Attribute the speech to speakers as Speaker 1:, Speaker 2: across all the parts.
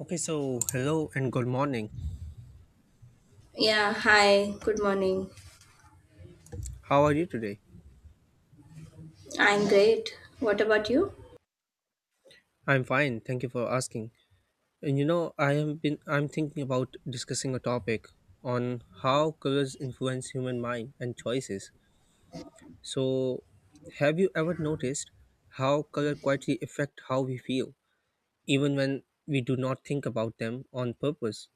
Speaker 1: Okay, so hello and good morning.
Speaker 2: Yeah, hi, good morning.
Speaker 1: How are you today?
Speaker 2: I'm great. What about you?
Speaker 1: I'm fine. Thank you for asking. And I have been I'm thinking about discussing a topic on how colors influence human mind and choices. So, have you ever noticed how color quietly affect how we feel even when we do not think about them on purpose?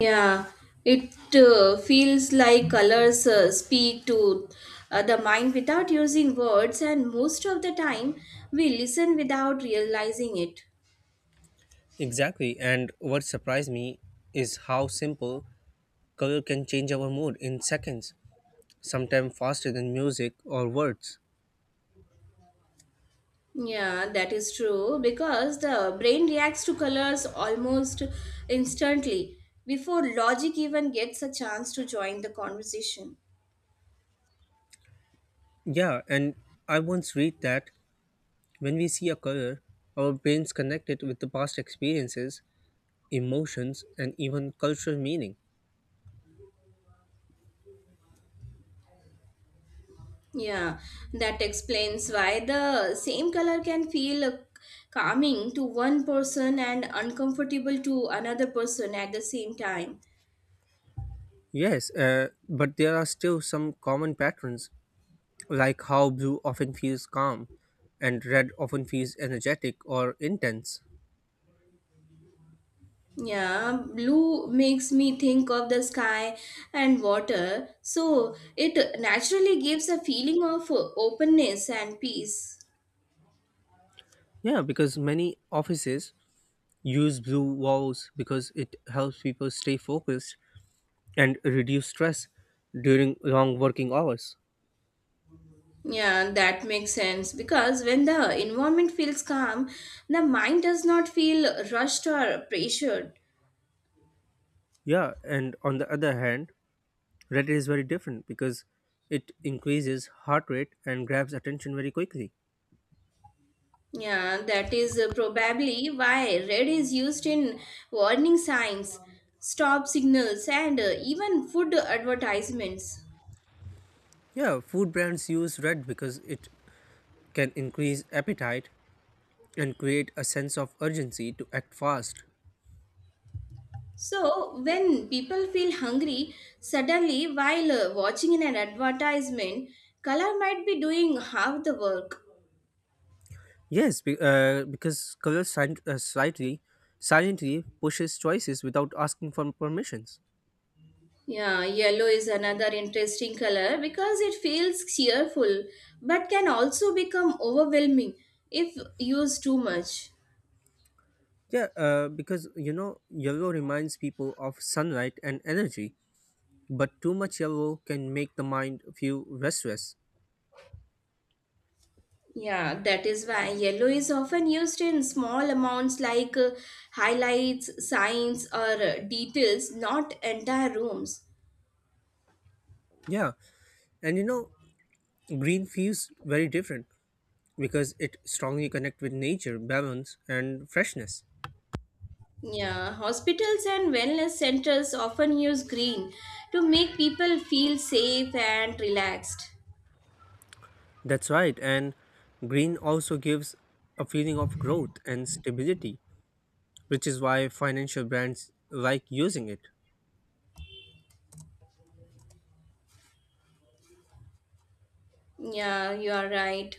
Speaker 2: Yeah, it feels like colors speak to the mind without using words, and most of the time we listen without realizing it.
Speaker 1: Exactly. And what surprised me is how simple color can change our mood in seconds, sometimes faster than music or words.
Speaker 2: Yeah, that is true because the brain reacts to colors almost instantly before logic even gets a chance to join the conversation.
Speaker 1: Yeah, and I once read that when we see a color, our brains connect it with the past experiences, emotions, and even cultural meaning.
Speaker 2: Yeah, that explains why the same color can feel calming to one person and uncomfortable to another person at the same time.
Speaker 1: Yes, but there are still some common patterns, like how blue often feels calm and red often feels energetic or intense.
Speaker 2: Yeah, blue makes me think of the sky and water, so it naturally gives a feeling of openness and peace.
Speaker 1: Yeah, because many offices use blue walls because it helps people stay focused and reduce stress during long working hours.
Speaker 2: Yeah, that makes sense because when the environment feels calm, the mind does not feel rushed or pressured.
Speaker 1: Yeah, and on the other hand, Reddit is very different because it increases heart rate and grabs attention very quickly.
Speaker 2: Yeah, that is probably why red is used in warning signs, stop signals, and even food advertisements.
Speaker 1: Yeah, food brands use Reddit because it can increase appetite and create a sense of urgency to act fast.
Speaker 2: So, when people feel hungry, suddenly while watching an advertisement, color might be doing half the work.
Speaker 1: Yes, because color sil- slightly silently pushes choices without asking for permissions.
Speaker 2: Yeah, yellow is another interesting color because it feels cheerful but can also become overwhelming if used too much.
Speaker 1: Yeah, because yellow reminds people of sunlight and energy, but too much yellow can make the mind feel restless.
Speaker 2: Yeah, that is why yellow is often used in small amounts like highlights, signs, or details, not entire rooms.
Speaker 1: Yeah, and green feels very different because it strongly connects with nature, balance, and freshness.
Speaker 2: Yeah, hospitals and wellness centers often use green to make people feel safe and relaxed.
Speaker 1: That's right, and green also gives a feeling of growth and stability, which is why financial brands like using it.
Speaker 2: Yeah, you are right.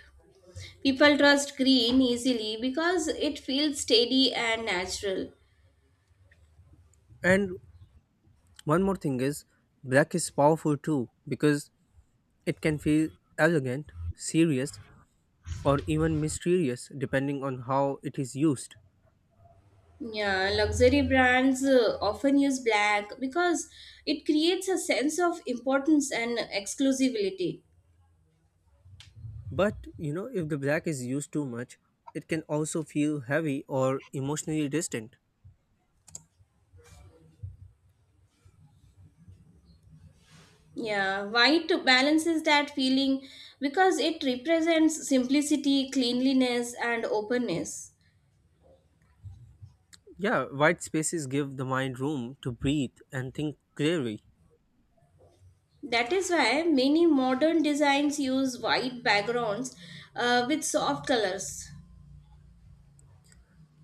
Speaker 2: People trust green easily because it feels steady and natural.
Speaker 1: And one more thing is, black is powerful too because it can feel elegant, serious, or even mysterious depending on how it is used.
Speaker 2: Yeah, luxury brands often use black because it creates a sense of importance and exclusivity.
Speaker 1: But if the black is used too much, it can also feel heavy or emotionally distant.
Speaker 2: Yeah, white balances that feeling because it represents simplicity, cleanliness, and openness.
Speaker 1: Yeah, white spaces give the mind room to breathe and think clearly.
Speaker 2: That is why many modern designs use white backgrounds with soft colors.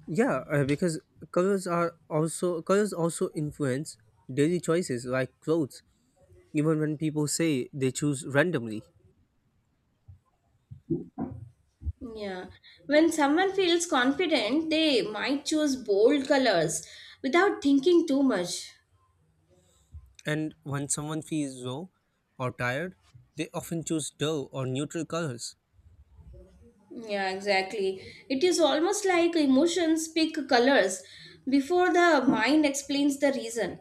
Speaker 1: Yeah, because colors also influence daily choices like clothes. Even when people say they choose randomly,
Speaker 2: Yeah, when someone feels confident, they might choose bold colors without thinking too much.
Speaker 1: and when someone feels low or tired, they often choose dull or neutral colors.
Speaker 2: Yeah, exactly. It is almost like emotions pick colors before the mind explains the reason.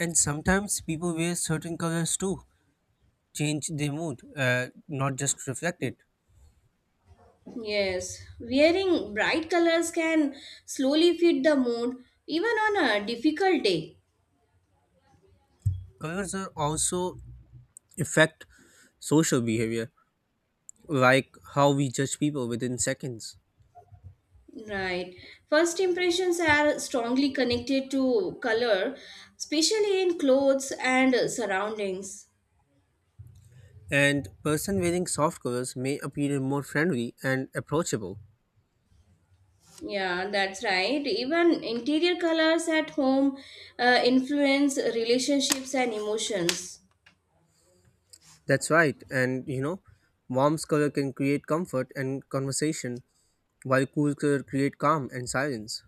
Speaker 1: And sometimes people wear certain colors too change the mood, not just reflect it.
Speaker 2: Yes, wearing bright colors can slowly fit the mood even on a difficult day.
Speaker 1: Colors are also affect social behavior, like how we judge people within seconds.
Speaker 2: Right. First impressions are strongly connected to color, especially in clothes and surroundings.
Speaker 1: And person wearing soft colors may appear more friendly and approachable.
Speaker 2: Yeah, that's right. Even interior colors at home influence relationships and emotions.
Speaker 1: That's right. And warm's color can create comfort and conversation, while cool color create calm and silence.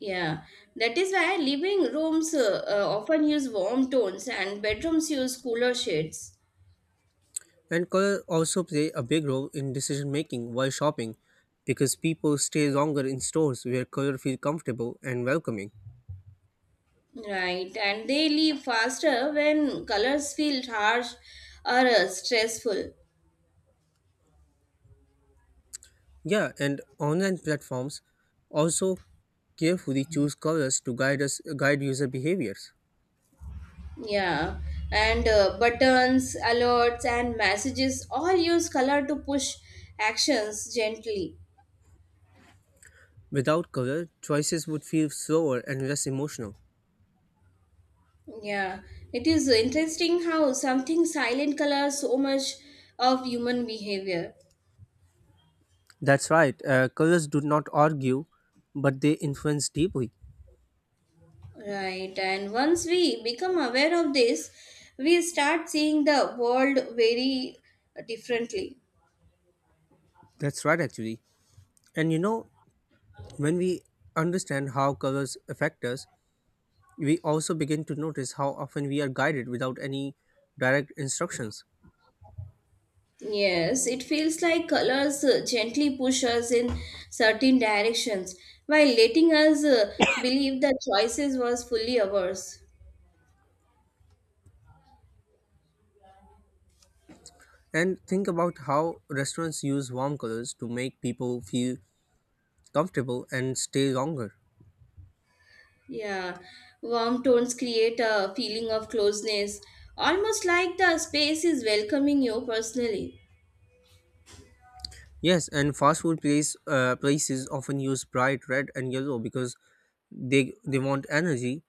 Speaker 2: Yeah, that is why living rooms often use warm tones and bedrooms use cooler shades.
Speaker 1: And color also play a big role in decision making while shopping, because people stay longer in stores where color feel comfortable and welcoming.
Speaker 2: Right, and they leave faster when colors feel harsh or stressful.
Speaker 1: Yeah, and online platforms also carefully choose colors to guide user behaviors.
Speaker 2: Yeah, and buttons, alerts, and messages all use color to push actions gently.
Speaker 1: Without color, choices would feel slower and less emotional.
Speaker 2: Yeah, it is interesting how something silent colors so much of human behavior.
Speaker 1: That's right. Colors do not argue, but they influence deeply.
Speaker 2: Right, and once we become aware of this, we start seeing the world very differently.
Speaker 1: That's right, actually. And when we understand how colors affect us, we also begin to notice how often we are guided without any direct instructions.
Speaker 2: Yes, it feels like colors gently push us in certain directions while letting us believe that choices was fully ours.
Speaker 1: And think about how restaurants use warm colors to make people feel comfortable and stay longer.
Speaker 2: Yeah, warm tones create a feeling of closeness, almost like the space is welcoming you personally.
Speaker 1: Yes, and fast food place places often use bright red and yellow because they want energy,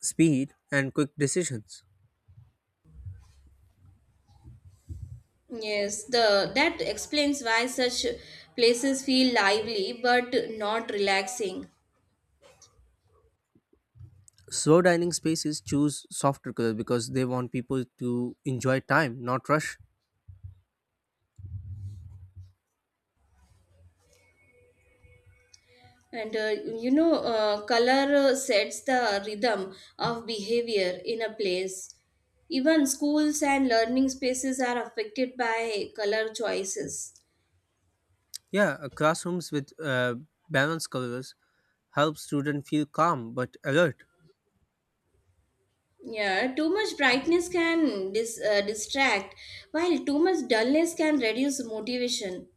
Speaker 1: speed, and quick decisions.
Speaker 2: Yes, the that explains why such places feel lively but not relaxing.
Speaker 1: Slow dining spaces choose softer colors because they want people to enjoy time, not rush.
Speaker 2: And color sets the rhythm of behavior in a place. Even schools and learning spaces are affected by color choices.
Speaker 1: Yeah, classrooms with balanced colors help students feel calm but alert.
Speaker 2: Yeah, too much brightness can distract, while too much dullness can reduce motivation.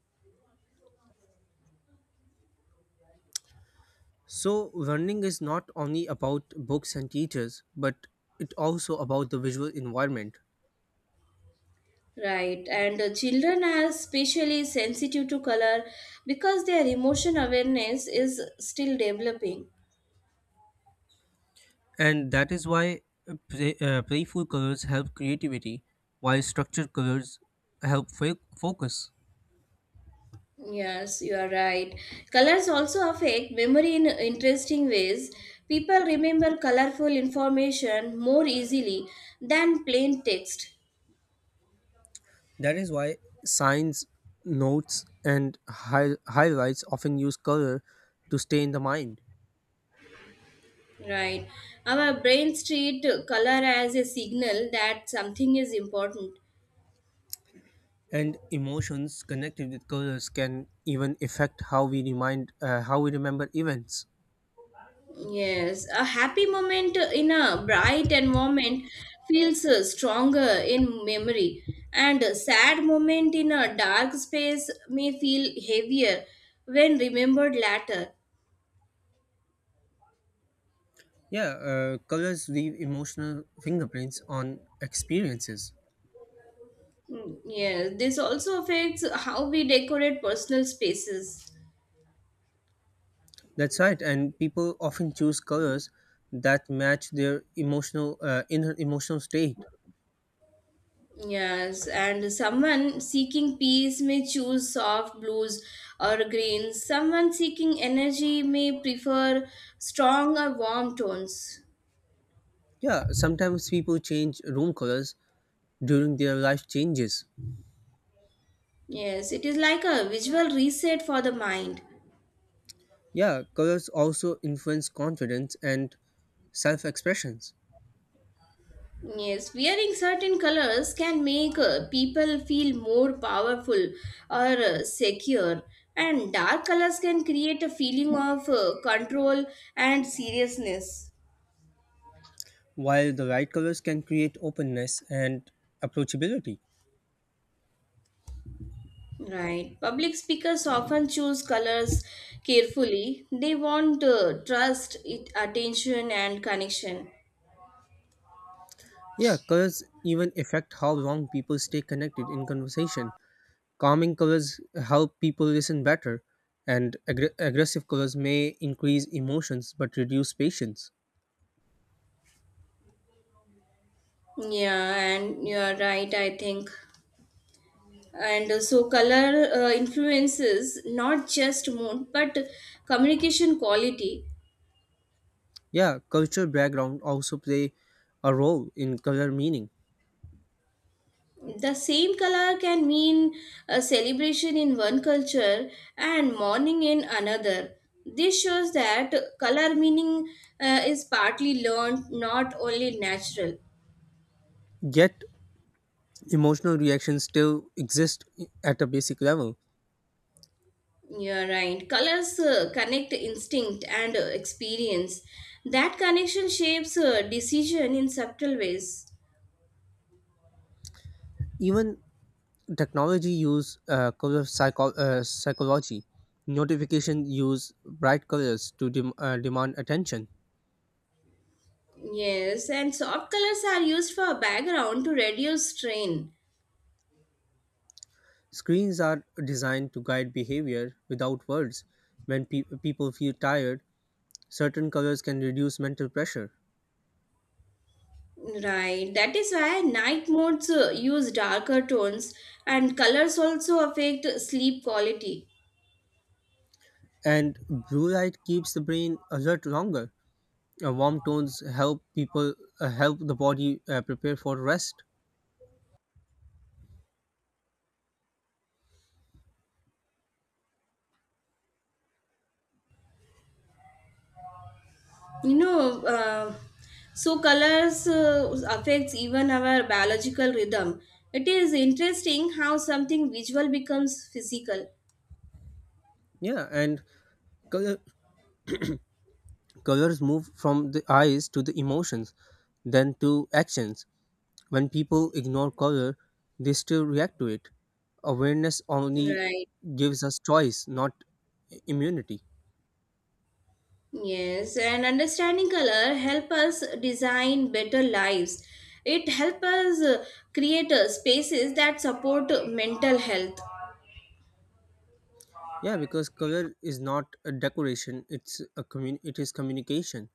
Speaker 1: So, learning is not only about books and teachers, but it also about the visual environment.
Speaker 2: Right, and children are especially sensitive to color because their emotion awareness is still developing.
Speaker 1: And that is why playful colors help creativity, while structured colors help focus.
Speaker 2: Yes, you are right. Colors also affect memory in interesting ways. People remember colorful information more easily than plain text.
Speaker 1: That is why signs, notes, and highlights often use color to stay in the mind.
Speaker 2: Right, our brains treat color as a signal that something is important.
Speaker 1: And emotions connected with colors can even affect how we remember events.
Speaker 2: Yes, a happy moment in a bright environment feels stronger in memory, and a sad moment in a dark space may feel heavier when remembered later.
Speaker 1: Yeah, colors leave emotional fingerprints on experiences.
Speaker 2: Mm, yes, this also affects how we decorate personal spaces.
Speaker 1: That's right, and people often choose colors that match their emotional inner emotional state.
Speaker 2: Yes, and someone seeking peace may choose soft blues or greens. Someone seeking energy may prefer strong or warm tones.
Speaker 1: Yeah, sometimes people change room colors during their life changes.
Speaker 2: Yes, it is like a visual reset for the mind.
Speaker 1: Yeah, colors also influence confidence and self expressions,
Speaker 2: Yes, wearing certain colors can make people feel more powerful or secure, and dark colors can create a feeling of control and seriousness.
Speaker 1: while the right colors can create openness and approachability.
Speaker 2: Right. Public speakers often choose colors carefully. They want trust, it, attention, and connection.
Speaker 1: Yeah, colors even affect how long people stay connected in conversation. Calming colors help people listen better, and aggressive colors may increase emotions but reduce patience.
Speaker 2: Yeah, and you are right, I think. And so color influences not just mood but communication quality.
Speaker 1: Yeah, cultural background also play a role in color meaning.
Speaker 2: The same color can mean a celebration in one culture and mourning in another. This shows that color meaning is partly learned, not only natural.
Speaker 1: Yet, emotional reactions still exist at a basic level.
Speaker 2: You're right, colors connect instinct and experience. That connection shapes decision in subtle ways.
Speaker 1: Even technology use psychology. Notification use bright colors to demand attention.
Speaker 2: Yes, and soft colors are used for background to reduce strain.
Speaker 1: Screens are designed to guide behavior without words. When people feel tired, certain colors can reduce mental pressure.
Speaker 2: Right, that is why night modes use darker tones, and colors also affect sleep quality.
Speaker 1: And blue light keeps the brain alert longer. Warm tones help people help the body prepare for rest.
Speaker 2: You know, so colors affects even our biological rhythm. It is interesting how something visual becomes physical.
Speaker 1: Yeah, and color, colors move from the eyes to the emotions, then to actions. When people ignore color, they still react to it. Awareness only
Speaker 2: Right.
Speaker 1: gives us choice, not immunity.
Speaker 2: Yes, and understanding color help us design better lives. It help us create spaces that support mental health.
Speaker 1: Yeah, because color is not a decoration; it is communication.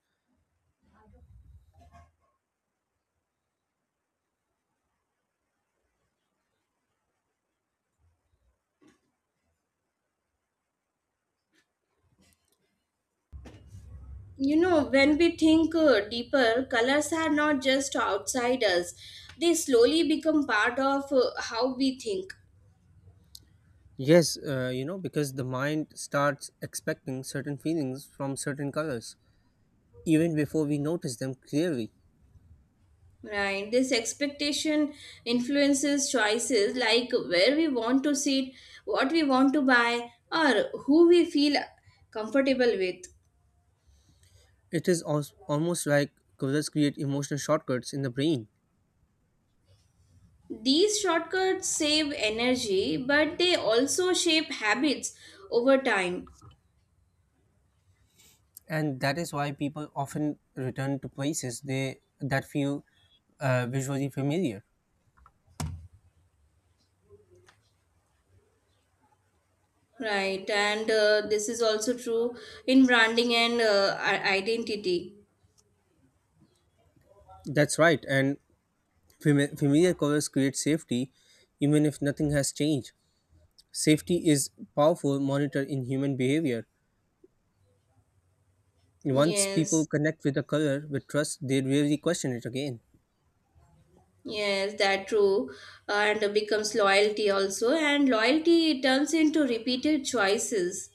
Speaker 2: You know, when we think deeper, colors are not just outside us. They slowly become part of how we think.
Speaker 1: Yes, because the mind starts expecting certain feelings from certain colors even before we notice them clearly.
Speaker 2: Right. This expectation influences choices like where we want to sit, what we want to buy, or who we feel comfortable with.
Speaker 1: It is almost like colors create emotional shortcuts in the brain,
Speaker 2: These shortcuts save energy, but they also shape habits over time.
Speaker 1: and that is why people often return to places they that feel visually familiar.
Speaker 2: Right, and this is also true in branding and identity.
Speaker 1: That's right, and familiar colors create safety, even if nothing has changed. Safety is powerful monitor in human behavior. Once people
Speaker 2: Yes,
Speaker 1: connect with a color with trust, they rarely question it again.
Speaker 2: yes, that true, and becomes loyalty also, and loyalty turns into repeated choices.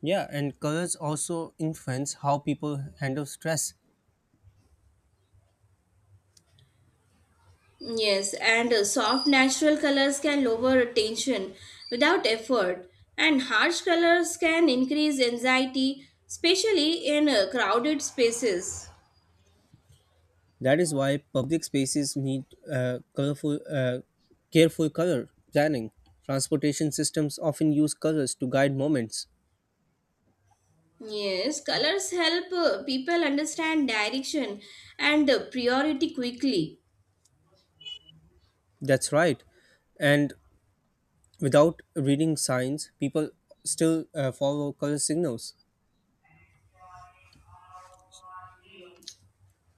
Speaker 1: Yeah, and colors also influence how people handle stress.
Speaker 2: Yes, and soft natural colors can lower tension without effort, and harsh colors can increase anxiety, especially in crowded spaces.
Speaker 1: That is why public spaces need uh, colorful, uh, careful color planning. Transportation systems often use colors to guide moments.
Speaker 2: Yes, colors help people understand direction and priority quickly.
Speaker 1: That's right. And without reading signs, people still follow color signals.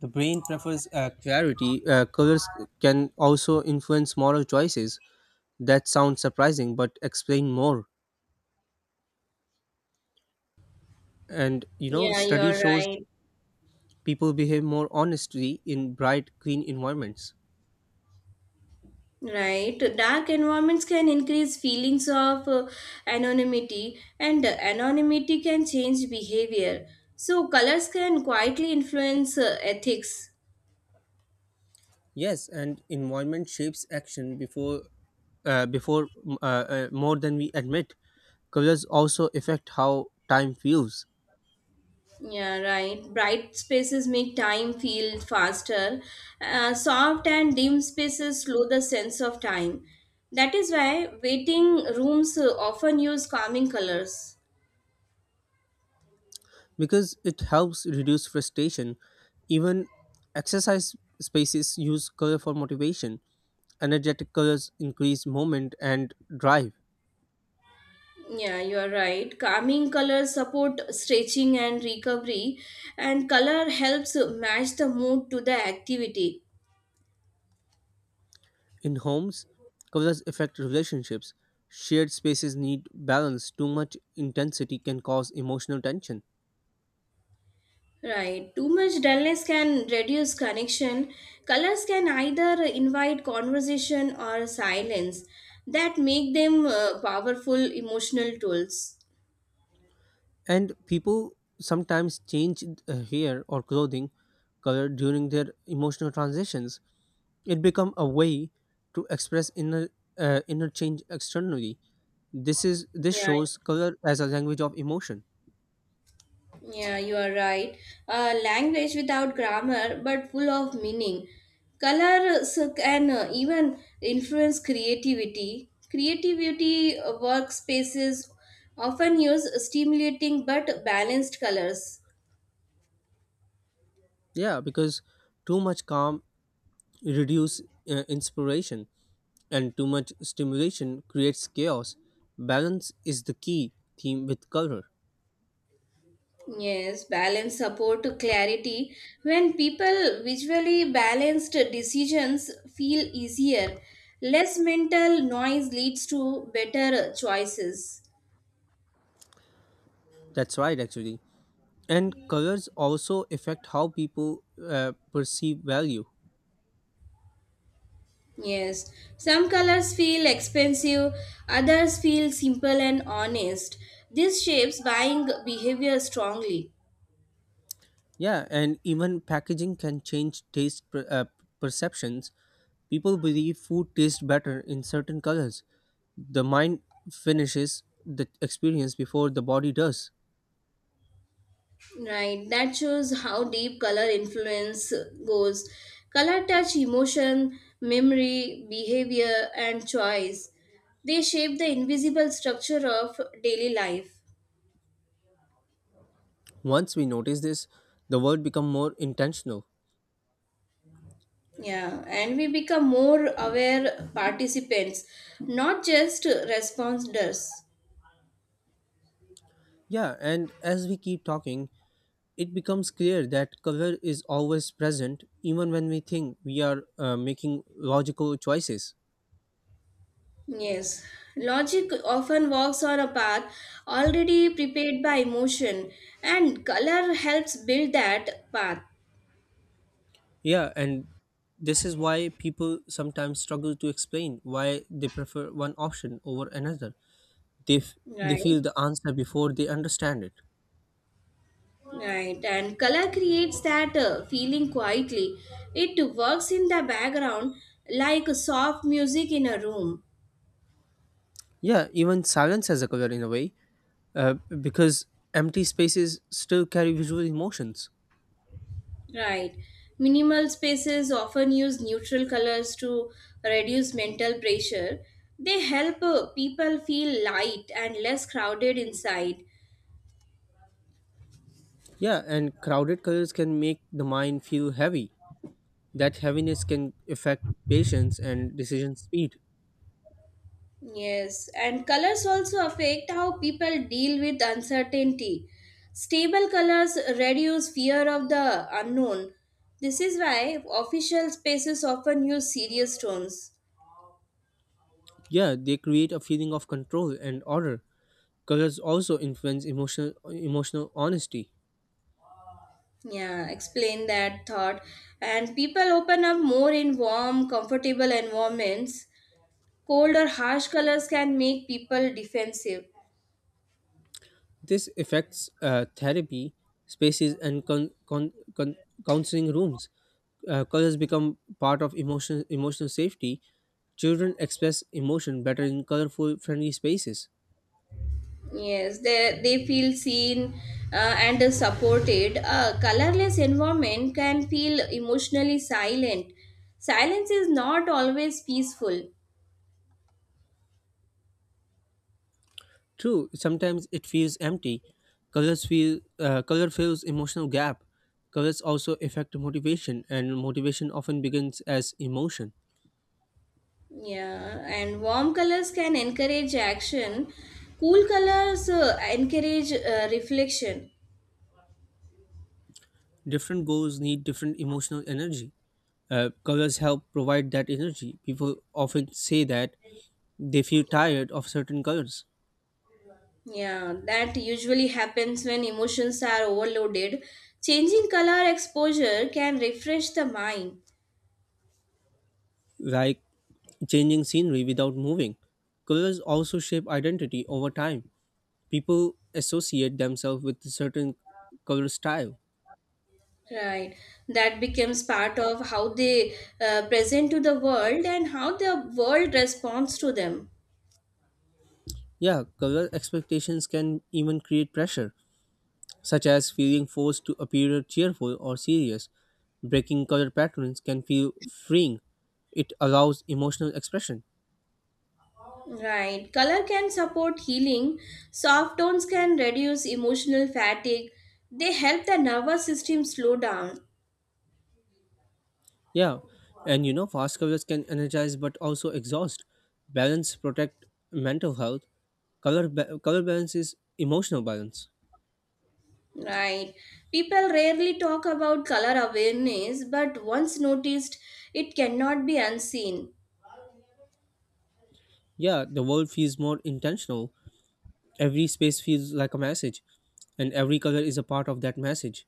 Speaker 1: The brain prefers clarity. Colors can also influence moral choices. That sounds surprising, but explain more. And
Speaker 2: Yeah, you
Speaker 1: study
Speaker 2: are
Speaker 1: shows
Speaker 2: right.
Speaker 1: people behave more honestly in bright, clean environments.
Speaker 2: Right, dark environments can increase feelings of anonymity, and anonymity can change behavior. So, colors can quietly influence ethics.
Speaker 1: Yes, and environment shapes action before, before more than we admit. Colors also affect how time feels,
Speaker 2: Yeah, right. Bright spaces make time feel faster. Soft and dim spaces slow the sense of time. That is why waiting rooms often use calming colors.
Speaker 1: because it helps reduce frustration. Even exercise spaces use color for motivation. Energetic colors increase movement and drive.
Speaker 2: Yeah, you are right. Calming colors support stretching and recovery, and color helps match the mood to the activity.
Speaker 1: In homes, colors affect relationships. Shared spaces need balance. Too much intensity can cause emotional tension.
Speaker 2: Right. Too much dullness can reduce connection. Colors can either invite conversation or silence that make them powerful emotional tools.
Speaker 1: And people sometimes change hair or clothing color during their emotional transitions. It become a way to express inner change externally. This
Speaker 2: Yeah,
Speaker 1: shows color as a language of emotion.
Speaker 2: Yeah, you are right. Language without grammar but full of meaning. Colors can even influence creativity. Creativity workspaces often use stimulating but balanced colors.
Speaker 1: Yeah, because too much calm reduce inspiration and too much stimulation creates chaos. Balance is the key theme with color.
Speaker 2: Yes, balance support to clarity. When people visually balanced decisions feel easier, less mental noise leads to better choices.
Speaker 1: That's right, actually. And colors also affect how people perceive value.
Speaker 2: Yes, some colors feel expensive, others feel simple and honest. This shapes buying behavior strongly.
Speaker 1: Yeah, and even packaging can change perceptions. People believe food tastes better in certain colors. The mind finishes the experience before the body does.
Speaker 2: Right, that shows how deep color influence goes. Color touch emotion, memory, behavior, and choice. They shape the invisible structure of daily life.
Speaker 1: Once we notice this, the world becomes more intentional.
Speaker 2: Yeah, and we become more aware participants, not just responders.
Speaker 1: Yeah, and as we keep talking, it becomes clear that color is always present even when we think we are making logical choices.
Speaker 2: Yes, logic often walks on a path already prepared by emotion, and color helps build that path.
Speaker 1: Yeah, and this is why people sometimes struggle to explain why they prefer one option over another. They, f- they
Speaker 2: Right,
Speaker 1: feel the answer before they understand it.
Speaker 2: right, and color creates that feeling quietly. It works in the background like soft music in a room.
Speaker 1: Yeah, even silence has a color in a way, uh, because empty spaces still carry visual emotions.
Speaker 2: Right, minimal spaces often use neutral colors to reduce mental pressure. They help people feel light and less crowded inside.
Speaker 1: Yeah, and crowded colors can make the mind feel heavy. That heaviness can affect patience and decision speed.
Speaker 2: Yes, and colors also affect how people deal with uncertainty. Stable colors reduce fear of the unknown. This is why official spaces often use serious tones.
Speaker 1: Yeah, they create a feeling of control and order. Colors also influence emotional honesty.
Speaker 2: Yeah, explain that thought. And people open up more in warm, comfortable environments. Cold or harsh colors can make people defensive.
Speaker 1: This affects therapy spaces and counseling rooms. Colors become part of emotional safety. Children express emotion better in colorful, friendly spaces.
Speaker 2: Yes, they feel seen uh, and supported. A colorless environment can feel emotionally silent. Silence is not always peaceful.
Speaker 1: True, sometimes it feels empty. Color fills emotional gap. Colors also affect motivation, and motivation often begins as emotion.
Speaker 2: Yeah, and warm colors can encourage action. Cool colors encourage reflection.
Speaker 1: Different goals need different emotional energy. Colors help provide that energy. People often say that they feel tired of certain colors,
Speaker 2: Yeah, that usually happens when emotions are overloaded. Changing color exposure can refresh the mind.
Speaker 1: like changing scenery without moving. Colors also shape identity over time. People associate themselves with a certain color style.
Speaker 2: Right. That becomes part of how they present to the world and how the world responds to them.
Speaker 1: Yeah, color expectations can even create pressure, such as feeling forced to appear cheerful or serious. Breaking color patterns can feel freeing. It allows emotional expression.
Speaker 2: Right. Color can support healing. Soft tones can reduce emotional fatigue. They help the nervous system slow down.
Speaker 1: Yeah, and fast colors can energize but also exhaust. Balance protect mental health. Color balance is emotional balance.
Speaker 2: Right. People rarely talk about color awareness, but once noticed, it cannot be unseen.
Speaker 1: Yeah, the world feels more intentional. Every space feels like a message, and every color is a part of that message.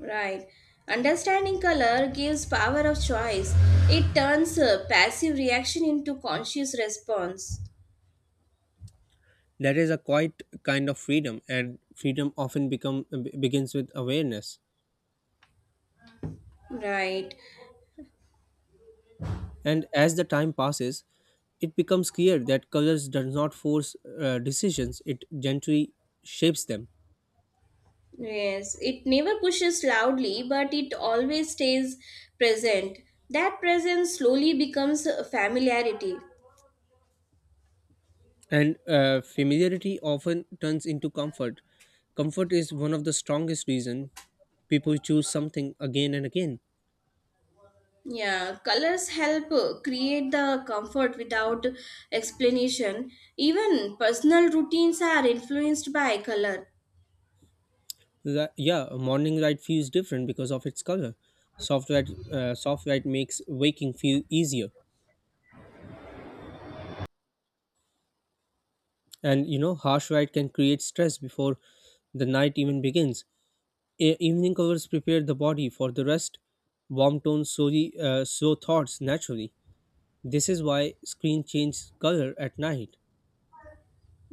Speaker 2: Right. Understanding color gives power of choice. It turns a passive reaction into conscious response.
Speaker 1: That is a quite kind of freedom, and freedom often begins with awareness.
Speaker 2: Right.
Speaker 1: And as the time passes, it becomes clear that colors does not force decisions; it gently shapes them.
Speaker 2: Yes. It never pushes loudly, but it always stays present. That presence slowly becomes a familiarity.
Speaker 1: And familiarity often turns into comfort. Comfort is one of the strongest reason people choose something again and again.
Speaker 2: Yeah, colors help create the comfort without explanation. Even personal routines are influenced by color.
Speaker 1: Yeah, a morning light feels different because of its color. Soft light makes waking feel easier. And harsh light can create stress before the night even begins. Evening colors prepare the body for the rest. Warm tones slowly slow thoughts naturally. This is why screen change color at night.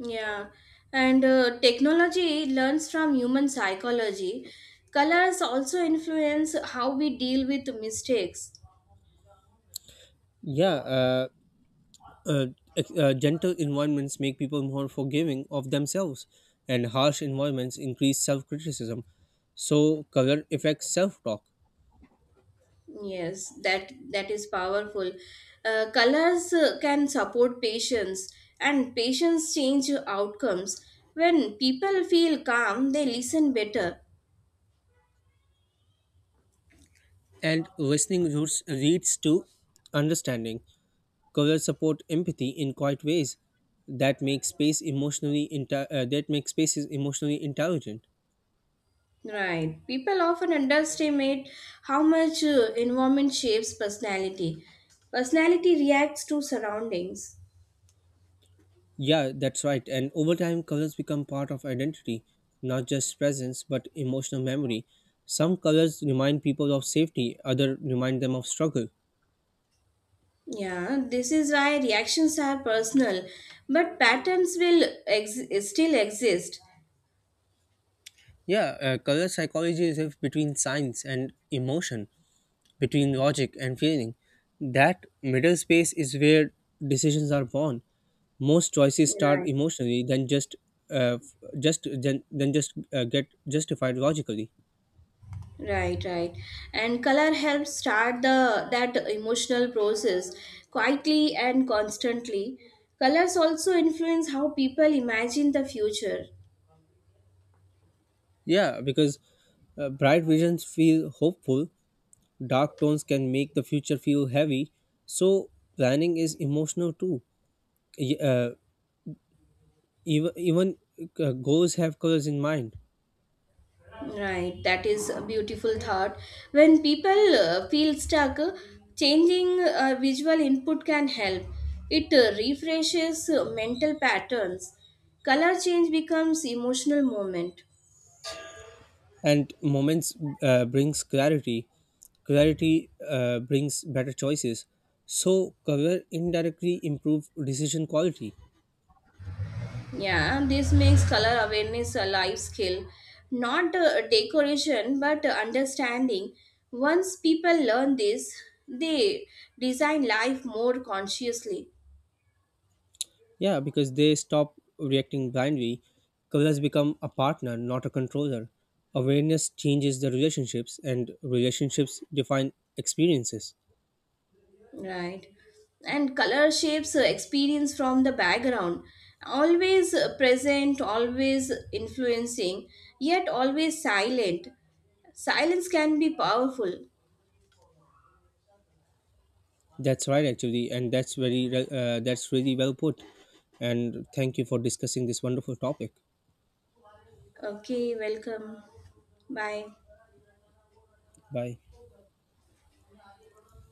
Speaker 2: Yeah, and technology learns from human psychology. Colors also influence how we deal with mistakes.
Speaker 1: Yeah, uh, gentle environments make people more forgiving of themselves, and harsh environments increase self criticism. So, color affects self talk,
Speaker 2: Yes, that is powerful. Colors can support patients, and patients change outcomes. When people feel calm, they listen better.
Speaker 1: and listening roots leads to understanding. Color support empathy in quiet ways that make spaces emotionally intelligent.
Speaker 2: Right. People often underestimate how much environment shapes personality. Personality reacts to surroundings.
Speaker 1: Yeah, that's right. And over time, colors become part of identity, not just presence, but emotional memory. Some colors remind people of safety, others remind them of struggle.
Speaker 2: Yeah, this is why reactions are personal, but patterns will still exist.
Speaker 1: Yeah, color psychology is if between science and emotion, between logic and feeling. That middle space is where decisions are born. Most choices start
Speaker 2: Right.
Speaker 1: emotionally, uh, f- then just get justified logically.
Speaker 2: Right. And color helps start the that emotional process quietly and constantly. Colors also influence how people imagine the future.
Speaker 1: Yeah, because bright visions feel hopeful. Dark tones can make the future feel heavy, so planning is emotional too. Y- Uh, even even goals have colors in mind,
Speaker 2: Right, that is a beautiful thought. When people feel stuck, changing visual input can help. It refreshes mental patterns. Color change becomes emotional moment.
Speaker 1: and moments brings clarity. Clarity brings better choices. So color indirectly improve decision quality.
Speaker 2: Yeah, this makes color awareness a life skill, not decoration but understanding. Once people learn this, they design life more consciously.
Speaker 1: Yeah, because they stop reacting blindly. Colors become a partner, not a controller. Awareness changes the relationships, and relationships define experiences.
Speaker 2: Right. And color shapes experience from the background, always present, always influencing, yet always silent. Silence can be powerful.
Speaker 1: That's right, actually, and that's that's really well put. And thank you for discussing this wonderful topic.
Speaker 2: Okay, welcome. Bye.
Speaker 1: Bye.